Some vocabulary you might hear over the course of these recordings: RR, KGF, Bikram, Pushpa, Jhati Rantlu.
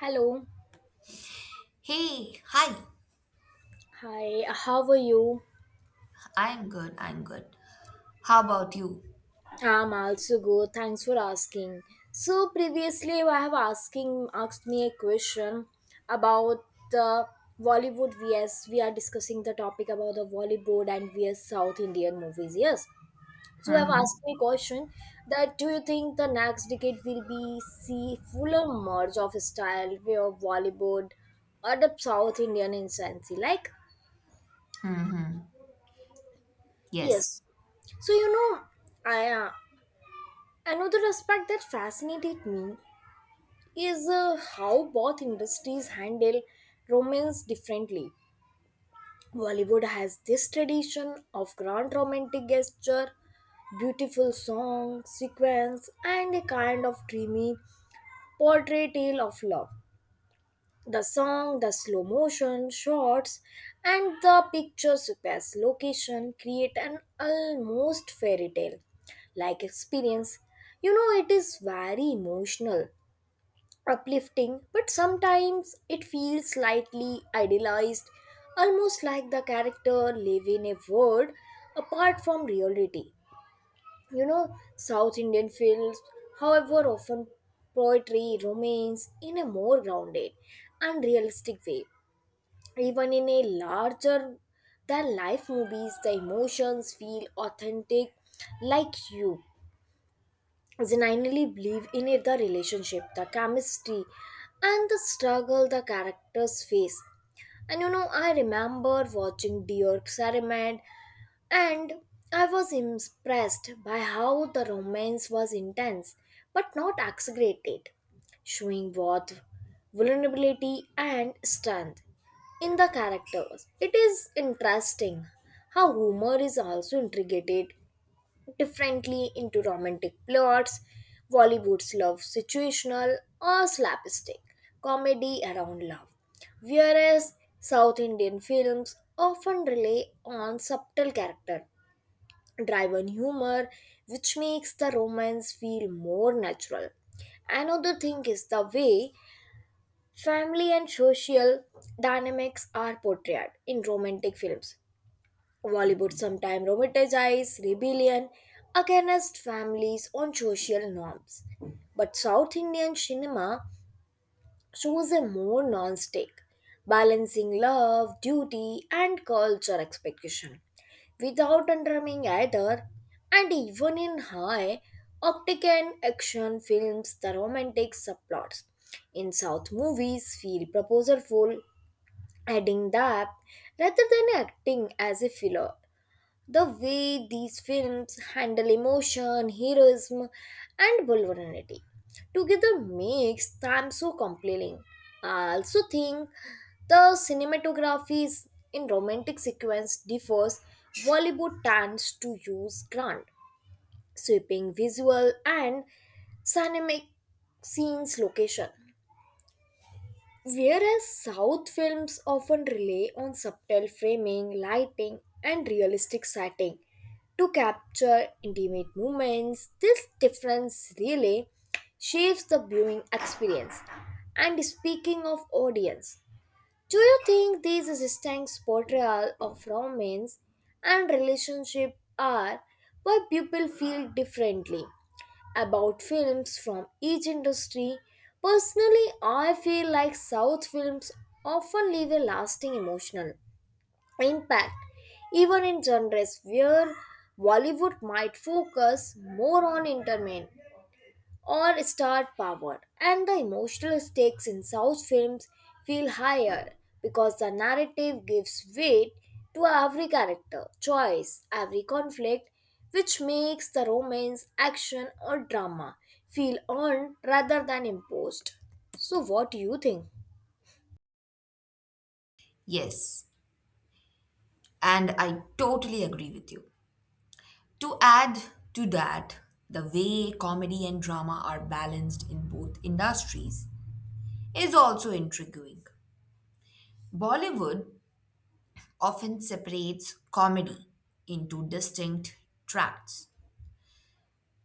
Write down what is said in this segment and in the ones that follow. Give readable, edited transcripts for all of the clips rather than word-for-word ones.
Hello. Hey, hi. Hi, how are you? I'm good. I'm good. How about you? I'm also good. Thanks for asking. So previously I have asking asked me a question about the Bollywood vs we are discussing the topic about the Bollywood and vs South Indian movies. Yes. So I've Mm-hmm. asked me a question that do you think the next decade will be see fuller merge of style where Bollywood or the South Indian insanity like? Mm-hmm. Yes. Yes. So you know, I Another aspect that fascinated me is how both industries handle romance differently. Bollywood has this tradition of grand romantic gesture, beautiful song, sequence, and a kind of dreamy portrayal of love. The song, the slow motion shots, and the pictures best location create an almost fairy tale like experience. You know, it is very emotional uplifting, but sometimes it feels slightly idealized, almost like the character live in a world apart from reality. You know, South Indian films, however, often poetry, romance in a more grounded and realistic way. Even in a larger than life movies, the emotions feel authentic, like you genuinely believe in it, the relationship, the chemistry, and the struggle the characters face. And you know, I remember watching Dear Experiment, and I was impressed by how the romance was intense but not exaggerated, showing both vulnerability and strength in the characters. It is interesting how humor is also integrated differently into romantic plots. Bollywood's love situational or slapstick comedy around love, whereas South Indian films often rely on subtle character driven humor, which makes the romance feel more natural. Another thing is the way family and social dynamics are portrayed in romantic films. Bollywood sometimes romanticizes rebellion against families on social norms. But South Indian cinema shows a more nuanced take, balancing love, duty, and culture expectation without undermining either. And even in high octane action films, the romantic subplots in South movies feel proposalful, adding depth rather than acting as a filler. The way these films handle emotion, heroism, and vulnerability together makes them so compelling. I also think the cinematography is- in romantic sequence differs. Bollywood tends to use grand, sweeping visual and cinematic scenes location. Whereas South films often rely on subtle framing, lighting, and realistic setting to capture intimate moments, this difference really shapes the viewing experience. And speaking of audience, do you think these distinct portrayal of romance and relationship are why people feel differently about films from each industry? Personally, I feel like South films often leave a lasting emotional impact, even in genres where Bollywood might focus more on entertainment or star power, and the emotional stakes in South films feel higher because the narrative gives weight to every character, choice, every conflict, which makes the romance, action, or drama feel earned rather than imposed. So, what do you think? Yes. And I totally agree with you. To add to that, the way comedy and drama are balanced in both industries is also intriguing. Bollywood often separates comedy into distinct tracts,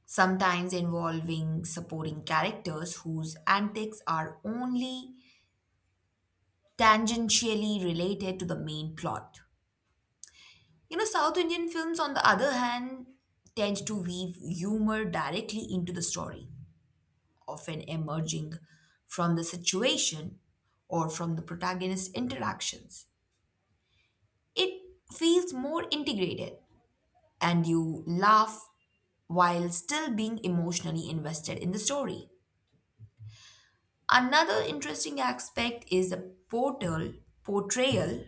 sometimes involving supporting characters whose antics are only tangentially related to the main plot. You know, South Indian films, on the other hand, tend to weave humor directly into the story, often emerging from the situation or from the protagonist's interactions. It feels more integrated, and you laugh while still being emotionally invested in the story. Another interesting aspect is the portal portrayal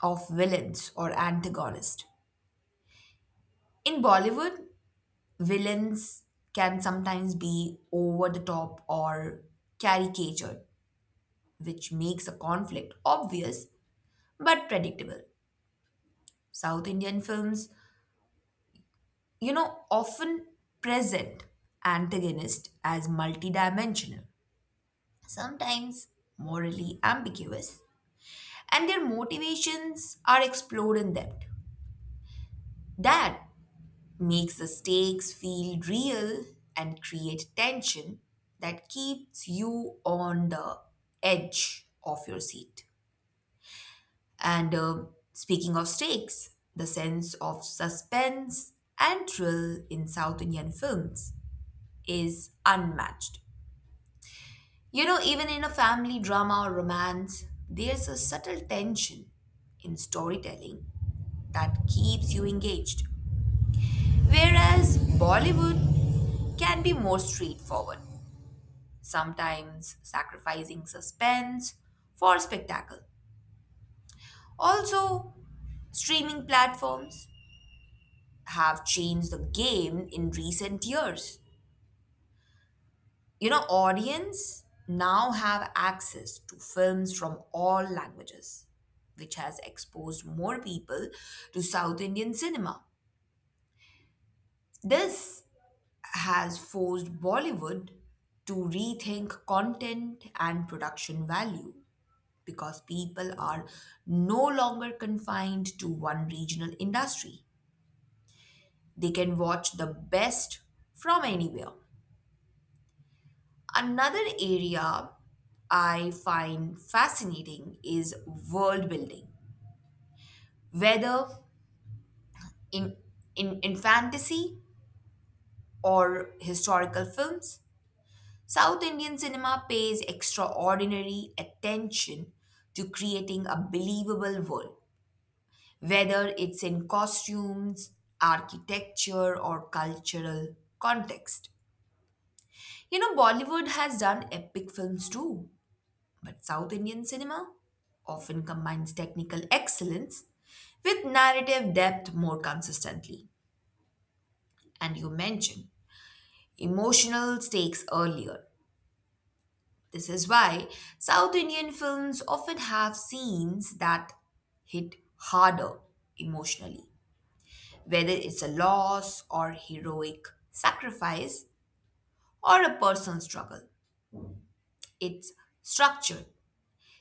of villains or antagonists. In Bollywood, villains can sometimes be over the top or caricatured, which makes a conflict obvious but predictable. South Indian films, you know, often present antagonists as multidimensional, sometimes morally ambiguous, and their motivations are explored in depth. That makes the stakes feel real and create tension that keeps you on the edge of your seat. And speaking of stakes, the sense of suspense and thrill in South Indian films is unmatched. You know, even in a family drama or romance, there's a subtle tension in storytelling that keeps you engaged. Whereas Bollywood can be more straightforward, sometimes sacrificing suspense for spectacle. Also, streaming platforms have changed the game in recent years. You know, audience now have access to films from all languages, which has exposed more people to South Indian cinema. This has forced Bollywood to rethink content and production value because people are no longer confined to one regional industry. They can watch the best from anywhere. Another area I find fascinating is world building, whether in, in fantasy or historical films. South Indian cinema pays extraordinary attention to creating a believable world, whether it's in costumes, architecture, or cultural context. You know, Bollywood has done epic films too, but South Indian cinema often combines technical excellence with narrative depth more consistently. And you mentioned emotional stakes earlier. This is why South Indian films often have scenes that hit harder emotionally, whether it's a loss or heroic sacrifice or a personal struggle. It's structured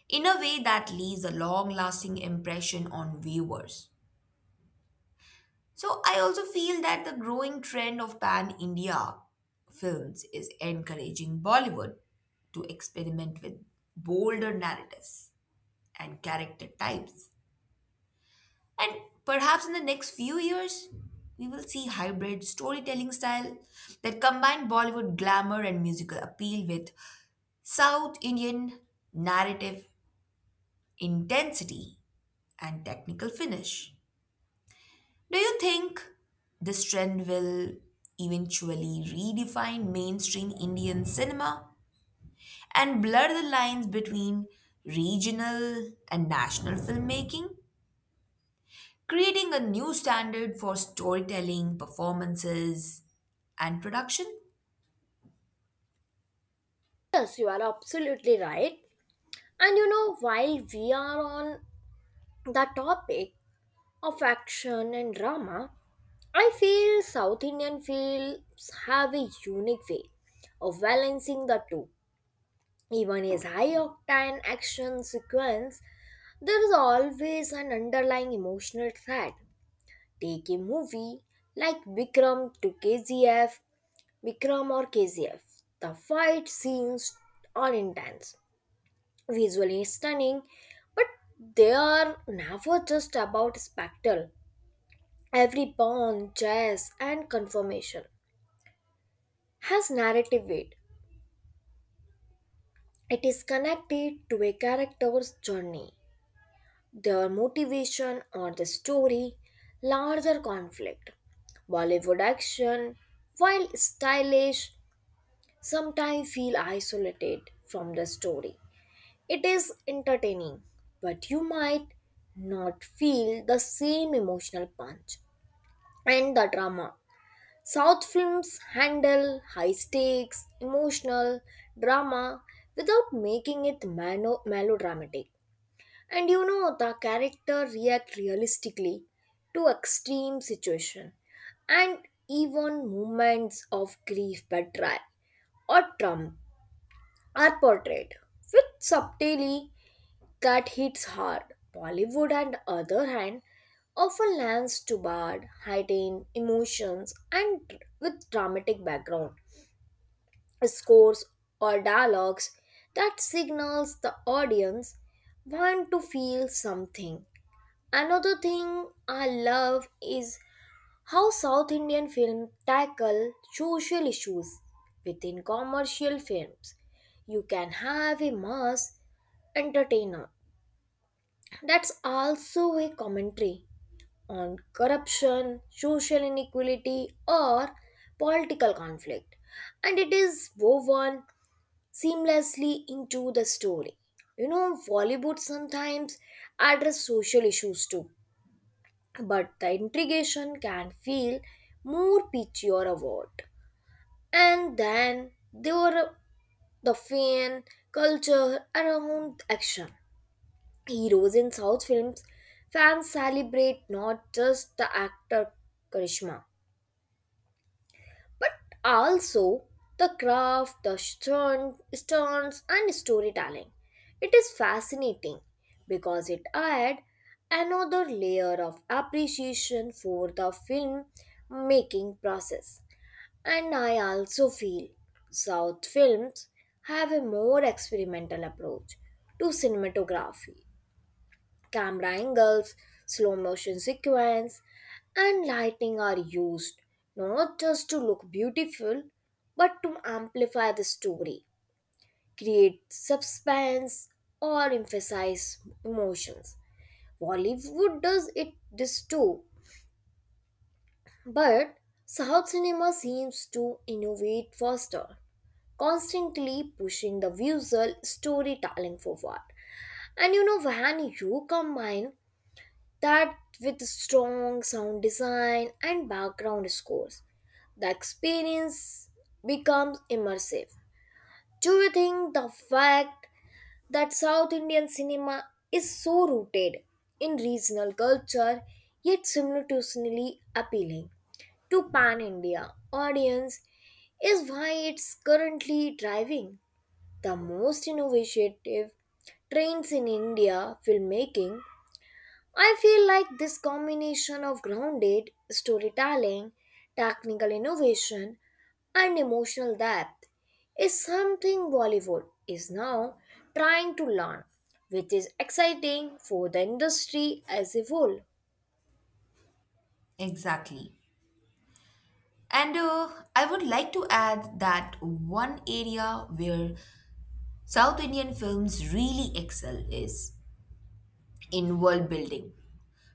in a way that leaves a long lasting impression on viewers. So, I also feel that the growing trend of pan India films is encouraging Bollywood to experiment with bolder narratives and character types. And perhaps in the next few years, we will see hybrid storytelling style that combine Bollywood glamour and musical appeal with South Indian narrative intensity and technical finish. Do you think this trend will eventually redefine mainstream Indian cinema and blur the lines between regional and national filmmaking, creating a new standard for storytelling, performances, and production? Yes, you are absolutely right. And you know, while we are on the topic of action and drama, I feel South Indian films have a unique way of balancing the two. Even as high octane action sequence, there is always an underlying emotional thread. Take a movie like Bikram to KGF, Bikram or KGF. The fight scenes are intense, visually stunning, but they are never just about spectacle. Every pawn, chess, and confirmation has narrative weight. It is connected to a character's journey, their motivation or the story, larger conflict. Bollywood action, while stylish, sometimes feel isolated from the story. It is entertaining, but you might not feel the same emotional punch and the drama South films handle high stakes, emotional drama without making it melodramatic. And you know, the character react realistically to extreme situation and even moments of grief, betrayal or trauma are portrayed with subtlety that hits hard. Bollywood, on the other hand, often lands to bad, heightened emotions and with dramatic background scores or dialogues that signals the audience want to feel something. Another thing I love is how South Indian films tackle social issues within commercial films. You can have a mass entertainer that's also a commentary on corruption, social inequality or political conflict, and it is woven seamlessly into the story. You know, Bollywood sometimes address social issues too, but the integration can feel more pitchy or overt. And then there were the fan culture around action. Heroes in South films, fans celebrate not just the actor Karishma but also the craft, the stern, stunts, and storytelling. It is fascinating because it adds another layer of appreciation for the film making process. And I also feel South films have a more experimental approach to cinematography. Camera angles, slow motion sequence, and lighting are used not just to look beautiful but to amplify the story, create suspense, or emphasize emotions. Bollywood does it this too, but South cinema seems to innovate faster, constantly pushing the visual storytelling forward. And you know, when you combine that with strong sound design and background scores, the experience becomes immersive. Do you think the fact that South Indian cinema is so rooted in regional culture yet simultaneously appealing to pan India audience is why it's currently driving the most innovative trends in India filmmaking? I feel like this combination of grounded storytelling, technical innovation, and emotional depth is something Bollywood is now trying to learn, which is exciting for the industry as a whole. Exactly. And I would like to add that one area where South Indian films really excel is in world building,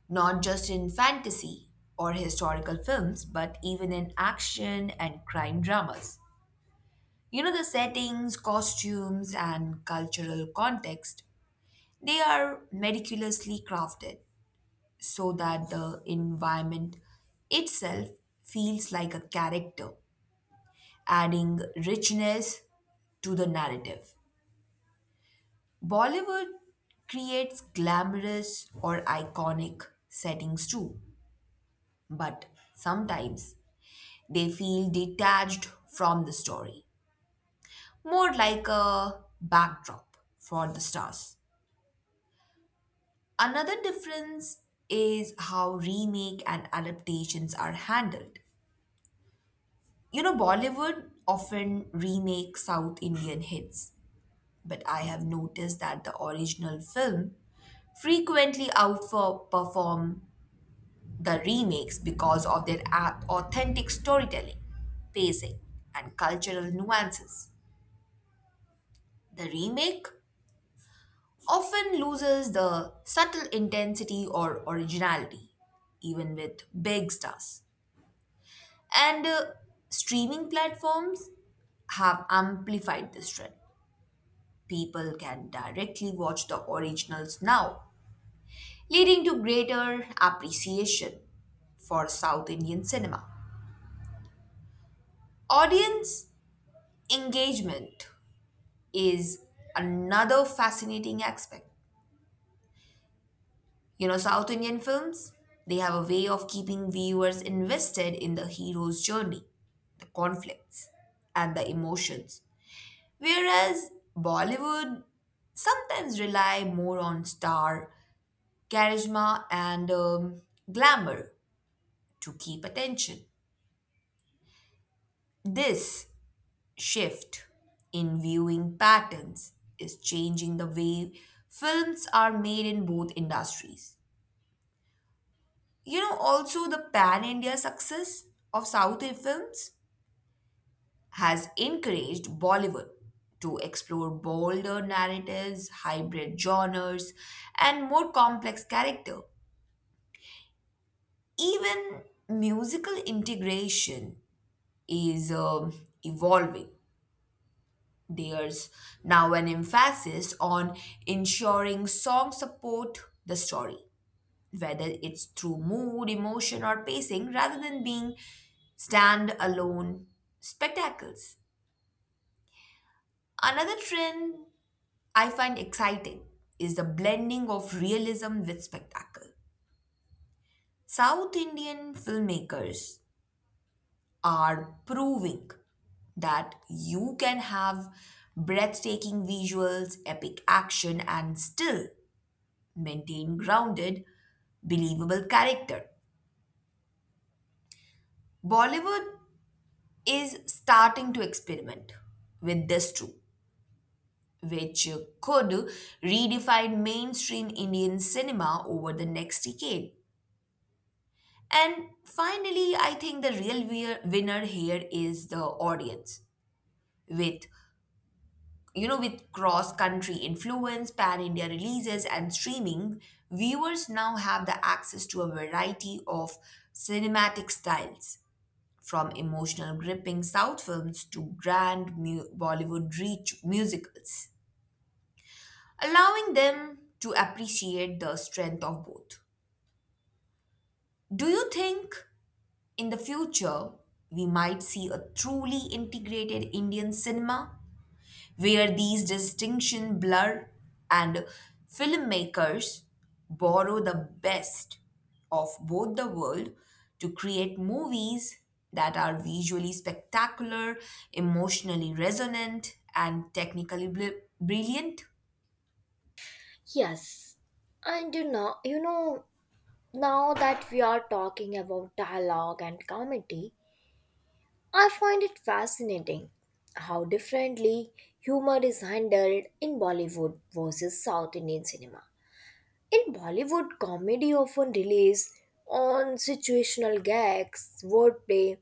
not just in fantasy or historical films, but even in action and crime dramas. You know, the settings, costumes, and cultural context, they are meticulously crafted so that the environment itself feels like a character, adding richness to the narrative. Bollywood creates glamorous or iconic settings too, but sometimes they feel detached from the story, more like a backdrop for the stars. Another difference is how remake and adaptations are handled. You know, Bollywood often remakes South Indian hits, but I have noticed that the original film frequently outperform the remakes because of their authentic storytelling, pacing, and cultural nuances. The remake often loses the subtle intensity or originality, even with big stars. And streaming platforms have amplified this trend. People can directly watch the originals now, leading to greater appreciation for South Indian cinema. Audience engagement is another fascinating aspect. You know, South Indian films, they have a way of keeping viewers invested in the hero's journey, the conflicts, and the emotions. Whereas Bollywood sometimes rely more on star charisma and glamour to keep attention. This shift in viewing patterns is changing the way films are made in both industries. You know, also the pan India success of South Indian films has encouraged Bollywood to explore bolder narratives, hybrid genres, and more complex character. Even musical integration is evolving. There's now an emphasis on ensuring songs support the story, whether it's through mood, emotion, or pacing, rather than being stand-alone spectacles. Another trend I find exciting is the blending of realism with spectacle. South Indian filmmakers are proving that you can have breathtaking visuals, epic action, and still maintain grounded, believable character. Bollywood is starting to experiment with this too, which could redefine mainstream Indian cinema over the next decade. And finally, I think the real winner here is the audience, with you know, with cross country influence, pan India releases, and streaming, viewers now have the access to a variety of cinematic styles, from emotional gripping South films to grand Bollywood reach musicals, allowing them to appreciate the strength of both. Do you think in the future we might see a truly integrated Indian cinema, where these distinctions blur and filmmakers borrow the best of both the world to create movies that are visually spectacular, emotionally resonant, and technically brilliant? Yes, and you know, now that we are talking about dialogue and comedy, I find it fascinating how differently humor is handled in Bollywood versus South Indian cinema. In Bollywood, comedy often relies on situational gags, wordplay,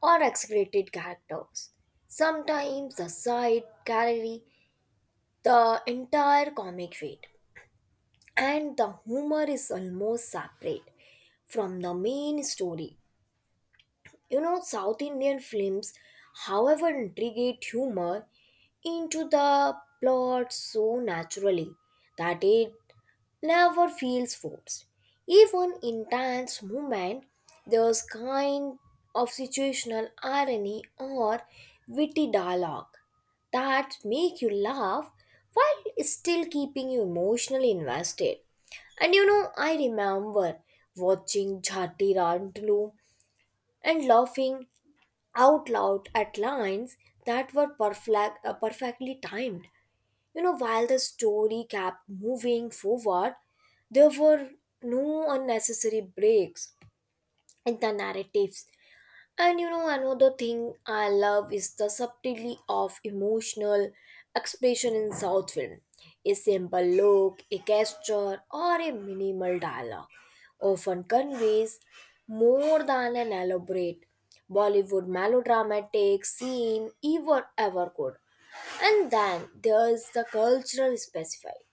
or exaggerated characters. Sometimes the side carry the entire comic weight, and the humor is almost separate from the main story. You know, South Indian films, however, integrate humor into the plot so naturally that it never feels forced. Even in dance movement, there's kind of situational irony or witty dialogue that make you laugh while still keeping you emotionally invested. And you know, I remember watching Jhati Rantlu and laughing out loud at lines that were perfectly timed. You know, while the story kept moving forward, there were no unnecessary breaks in the narratives. And you know, another thing I love is the subtlety of emotional expression in South film. A simple look, a gesture, or a minimal dialogue often conveys more than an elaborate Bollywood melodramatic scene ever could. And then there is the cultural specifier.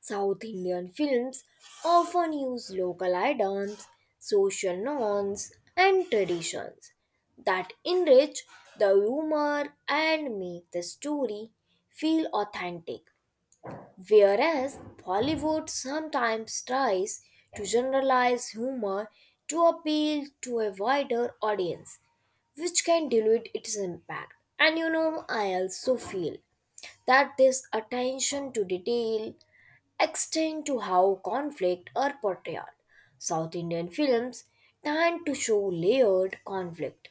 South Indian films often use local items, social norms, and traditions that enrich the humor and make the story feel authentic. Whereas Bollywood sometimes tries to generalize humor to appeal to a wider audience, which can dilute its impact. And you know, I also feel that this attention to detail extend to how conflict are portrayed. South Indian films tend to show layered conflict,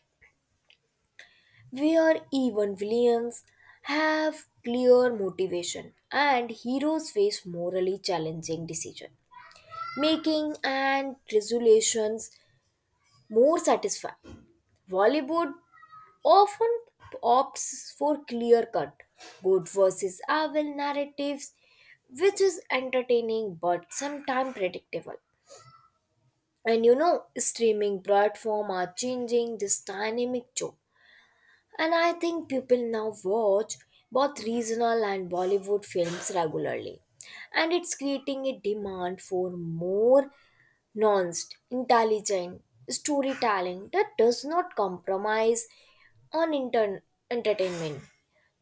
where even villains have clear motivation and heroes face morally challenging decisions, making and resolutions more satisfying. Bollywood often opts for clear cut good versus evil narratives which is entertaining but sometimes predictable. And you know, streaming platform are changing this dynamic too. And I think people now watch both regional and Bollywood films regularly. And it's creating a demand for more nuanced, intelligent storytelling that does not compromise on entertainment.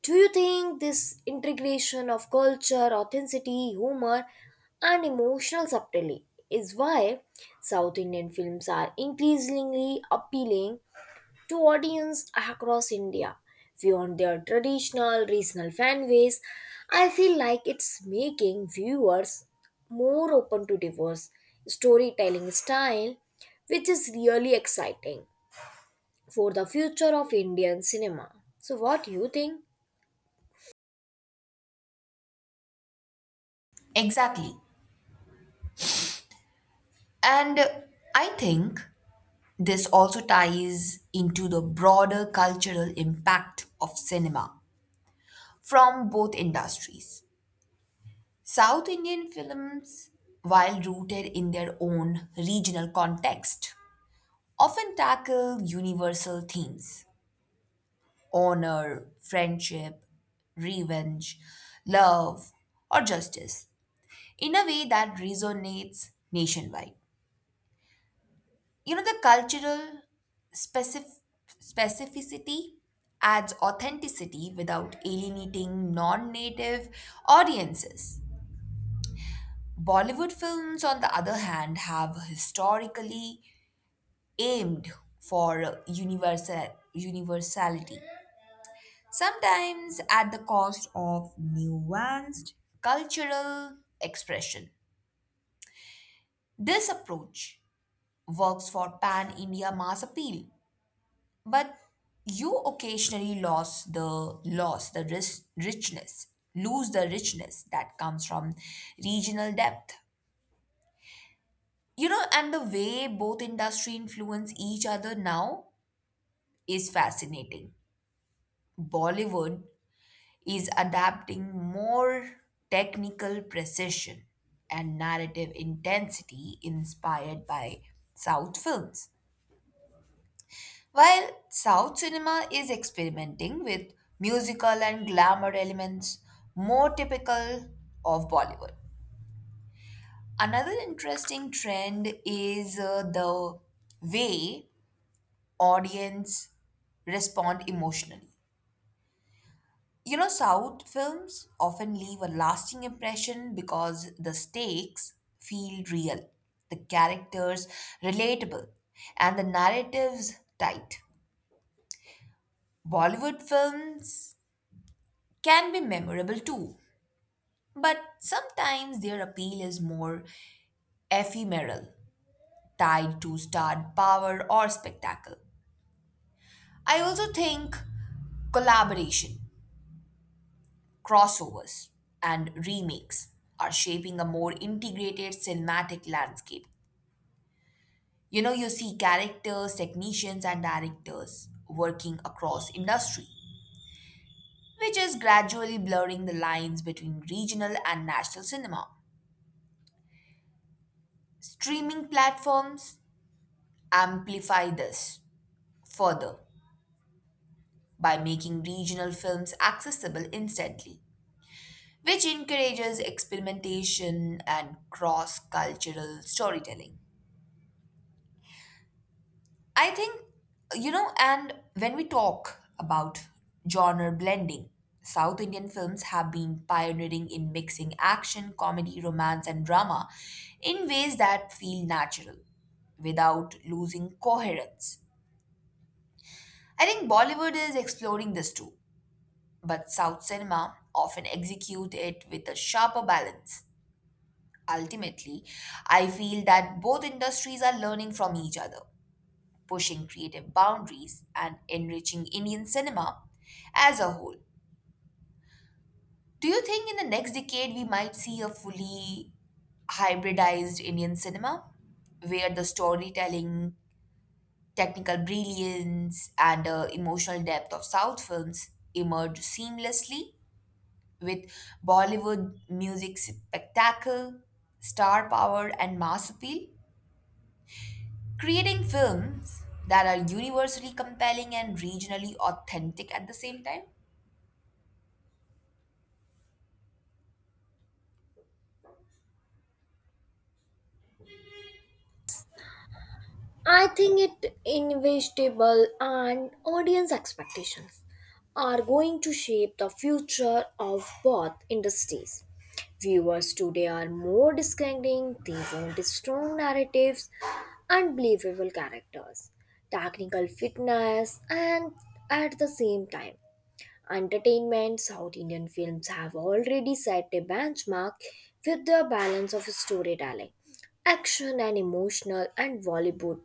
Do you think this integration of culture, authenticity, humor, and emotional subtlety is why South Indian films are increasingly appealing to audience across India? Beyond their traditional regional fan base, I feel like it's making viewers more open to diverse storytelling style, which is really exciting for the future of Indian cinema. So, what do you think? Exactly. And I think this also ties into the broader cultural impact of cinema from both industries. South Indian films, while rooted in their own regional context, often tackle universal themes: honor, friendship, revenge, love, or justice in a way that resonates nationwide. You know, the cultural specif- specificity adds authenticity without alienating non native audiences. Bollywood films, on the other hand, have historically aimed for universality, sometimes at the cost of nuanced cultural expression. This approach works for pan India mass appeal, but you occasionally lose the richness that comes from regional depth. You know, and the way both industry influence each other now is fascinating. Bollywood is adapting more technical precision and narrative intensity inspired by South films. While South cinema is experimenting with musical and glamour elements more typical of Bollywood. Another interesting trend is the way audience respond emotionally. You know, South films often leave a lasting impression because the stakes feel real, the characters relatable, and the narratives tight. Bollywood films can be memorable too, but sometimes their appeal is more ephemeral, tied to star power or spectacle. I also think collaboration, crossovers, and remakes are shaping a more integrated cinematic landscape. You know, you see characters, technicians, and directors working across industry, which is gradually blurring the lines between regional and national cinema. Streaming platforms amplify this further by making regional films accessible instantly, which encourages experimentation and cross cultural storytelling. I think, you know, and when we talk about genre blending, South Indian films have been pioneering in mixing action, comedy, romance, and drama in ways that feel natural without losing coherence. I think Bollywood is exploring this too, but South cinema often execute it with a sharper balance. Ultimately, I feel that both industries are learning from each other pushing creative boundaries and enriching Indian cinema as a whole. Do you think in the next decade we might see a fully hybridized Indian cinema where the storytelling, technical brilliance, and emotional depth of South films emerge seamlessly with Bollywood music spectacle, star power, and mass appeal, creating films that are universally compelling and regionally authentic at the same time? I think it inevitable and audience expectations are going to shape the future of both industries. Viewers today are more discerning, they want strong narratives and believable characters, technical fitness, and at the same time, entertainment. South Indian films have already set a benchmark with their balance of storytelling action and emotional and Bollywood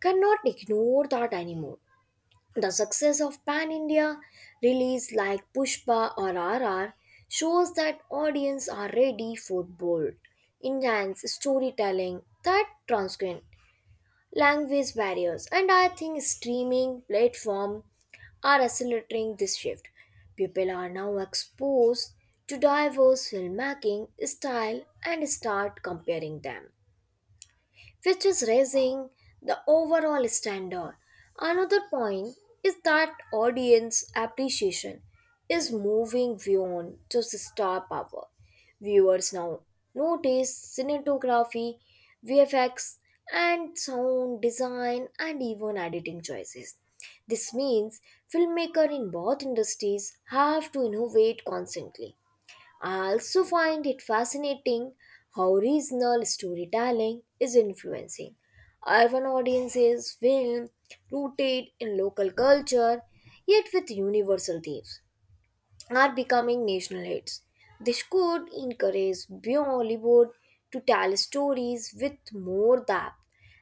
cannot ignore that anymore. The success of Pan India release like Pushpa or RR shows that audience are ready for bold, intense storytelling that transcend language barriers. And I think streaming platform are accelerating this shift. People are now exposed to diverse filmmaking style and start comparing them which is raising the overall standard. Another point is that audience appreciation is moving beyond just star power. Viewers now notice cinematography, VFX, and sound design and even editing choices. This means filmmakers in both industries have to innovate constantly. I also find it fascinating how regional storytelling is influencing urban audiences' film rooted in local culture yet with universal themes are becoming national hits. This could encourage Bollywood to tell stories with more depth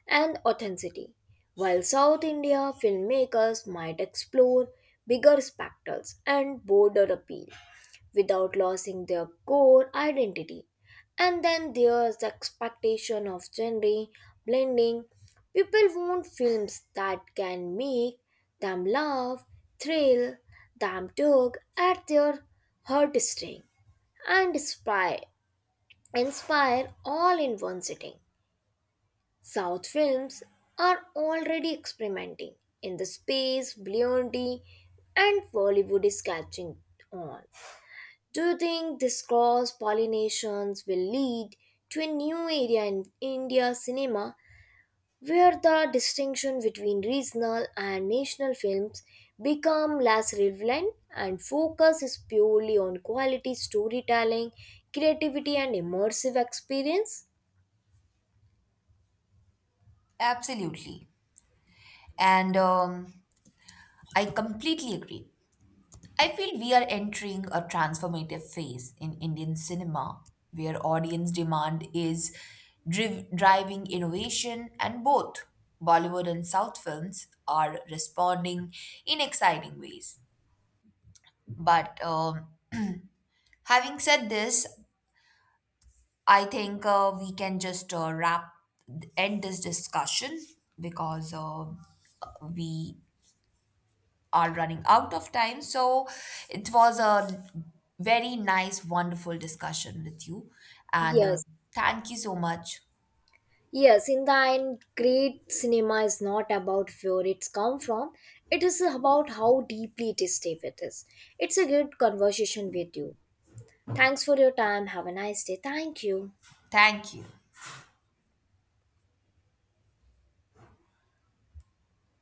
and authenticity, while South India filmmakers might explore bigger spectacles and broader appeal without losing their core identity. And then there's the expectation of genre blending. People want films that can make them laugh, thrill, them tug at their heartstring, and inspire all in one sitting. South films are already experimenting in the space, beyond, and Bollywood is catching on. Do you think this cross pollinations will lead to a new area in India cinema where the distinction between regional and national films become less relevant and focus is purely on quality storytelling, creativity and immersive experience? Absolutely. And I completely agree. I feel we are entering a transformative phase in Indian cinema where audience demand is driving innovation, and both Bollywood and South films are responding in exciting ways. But having said this, I think we can just wrap end this discussion because we are running out of time. So it was a very nice, wonderful discussion with you, and uh, Yes. thank you so much. Yes, in the end, great cinema is not about where it's come from. It is about how deeply it is stay with us. It's a good conversation with you. Thanks for your time. Have a nice day. Thank you. Thank you.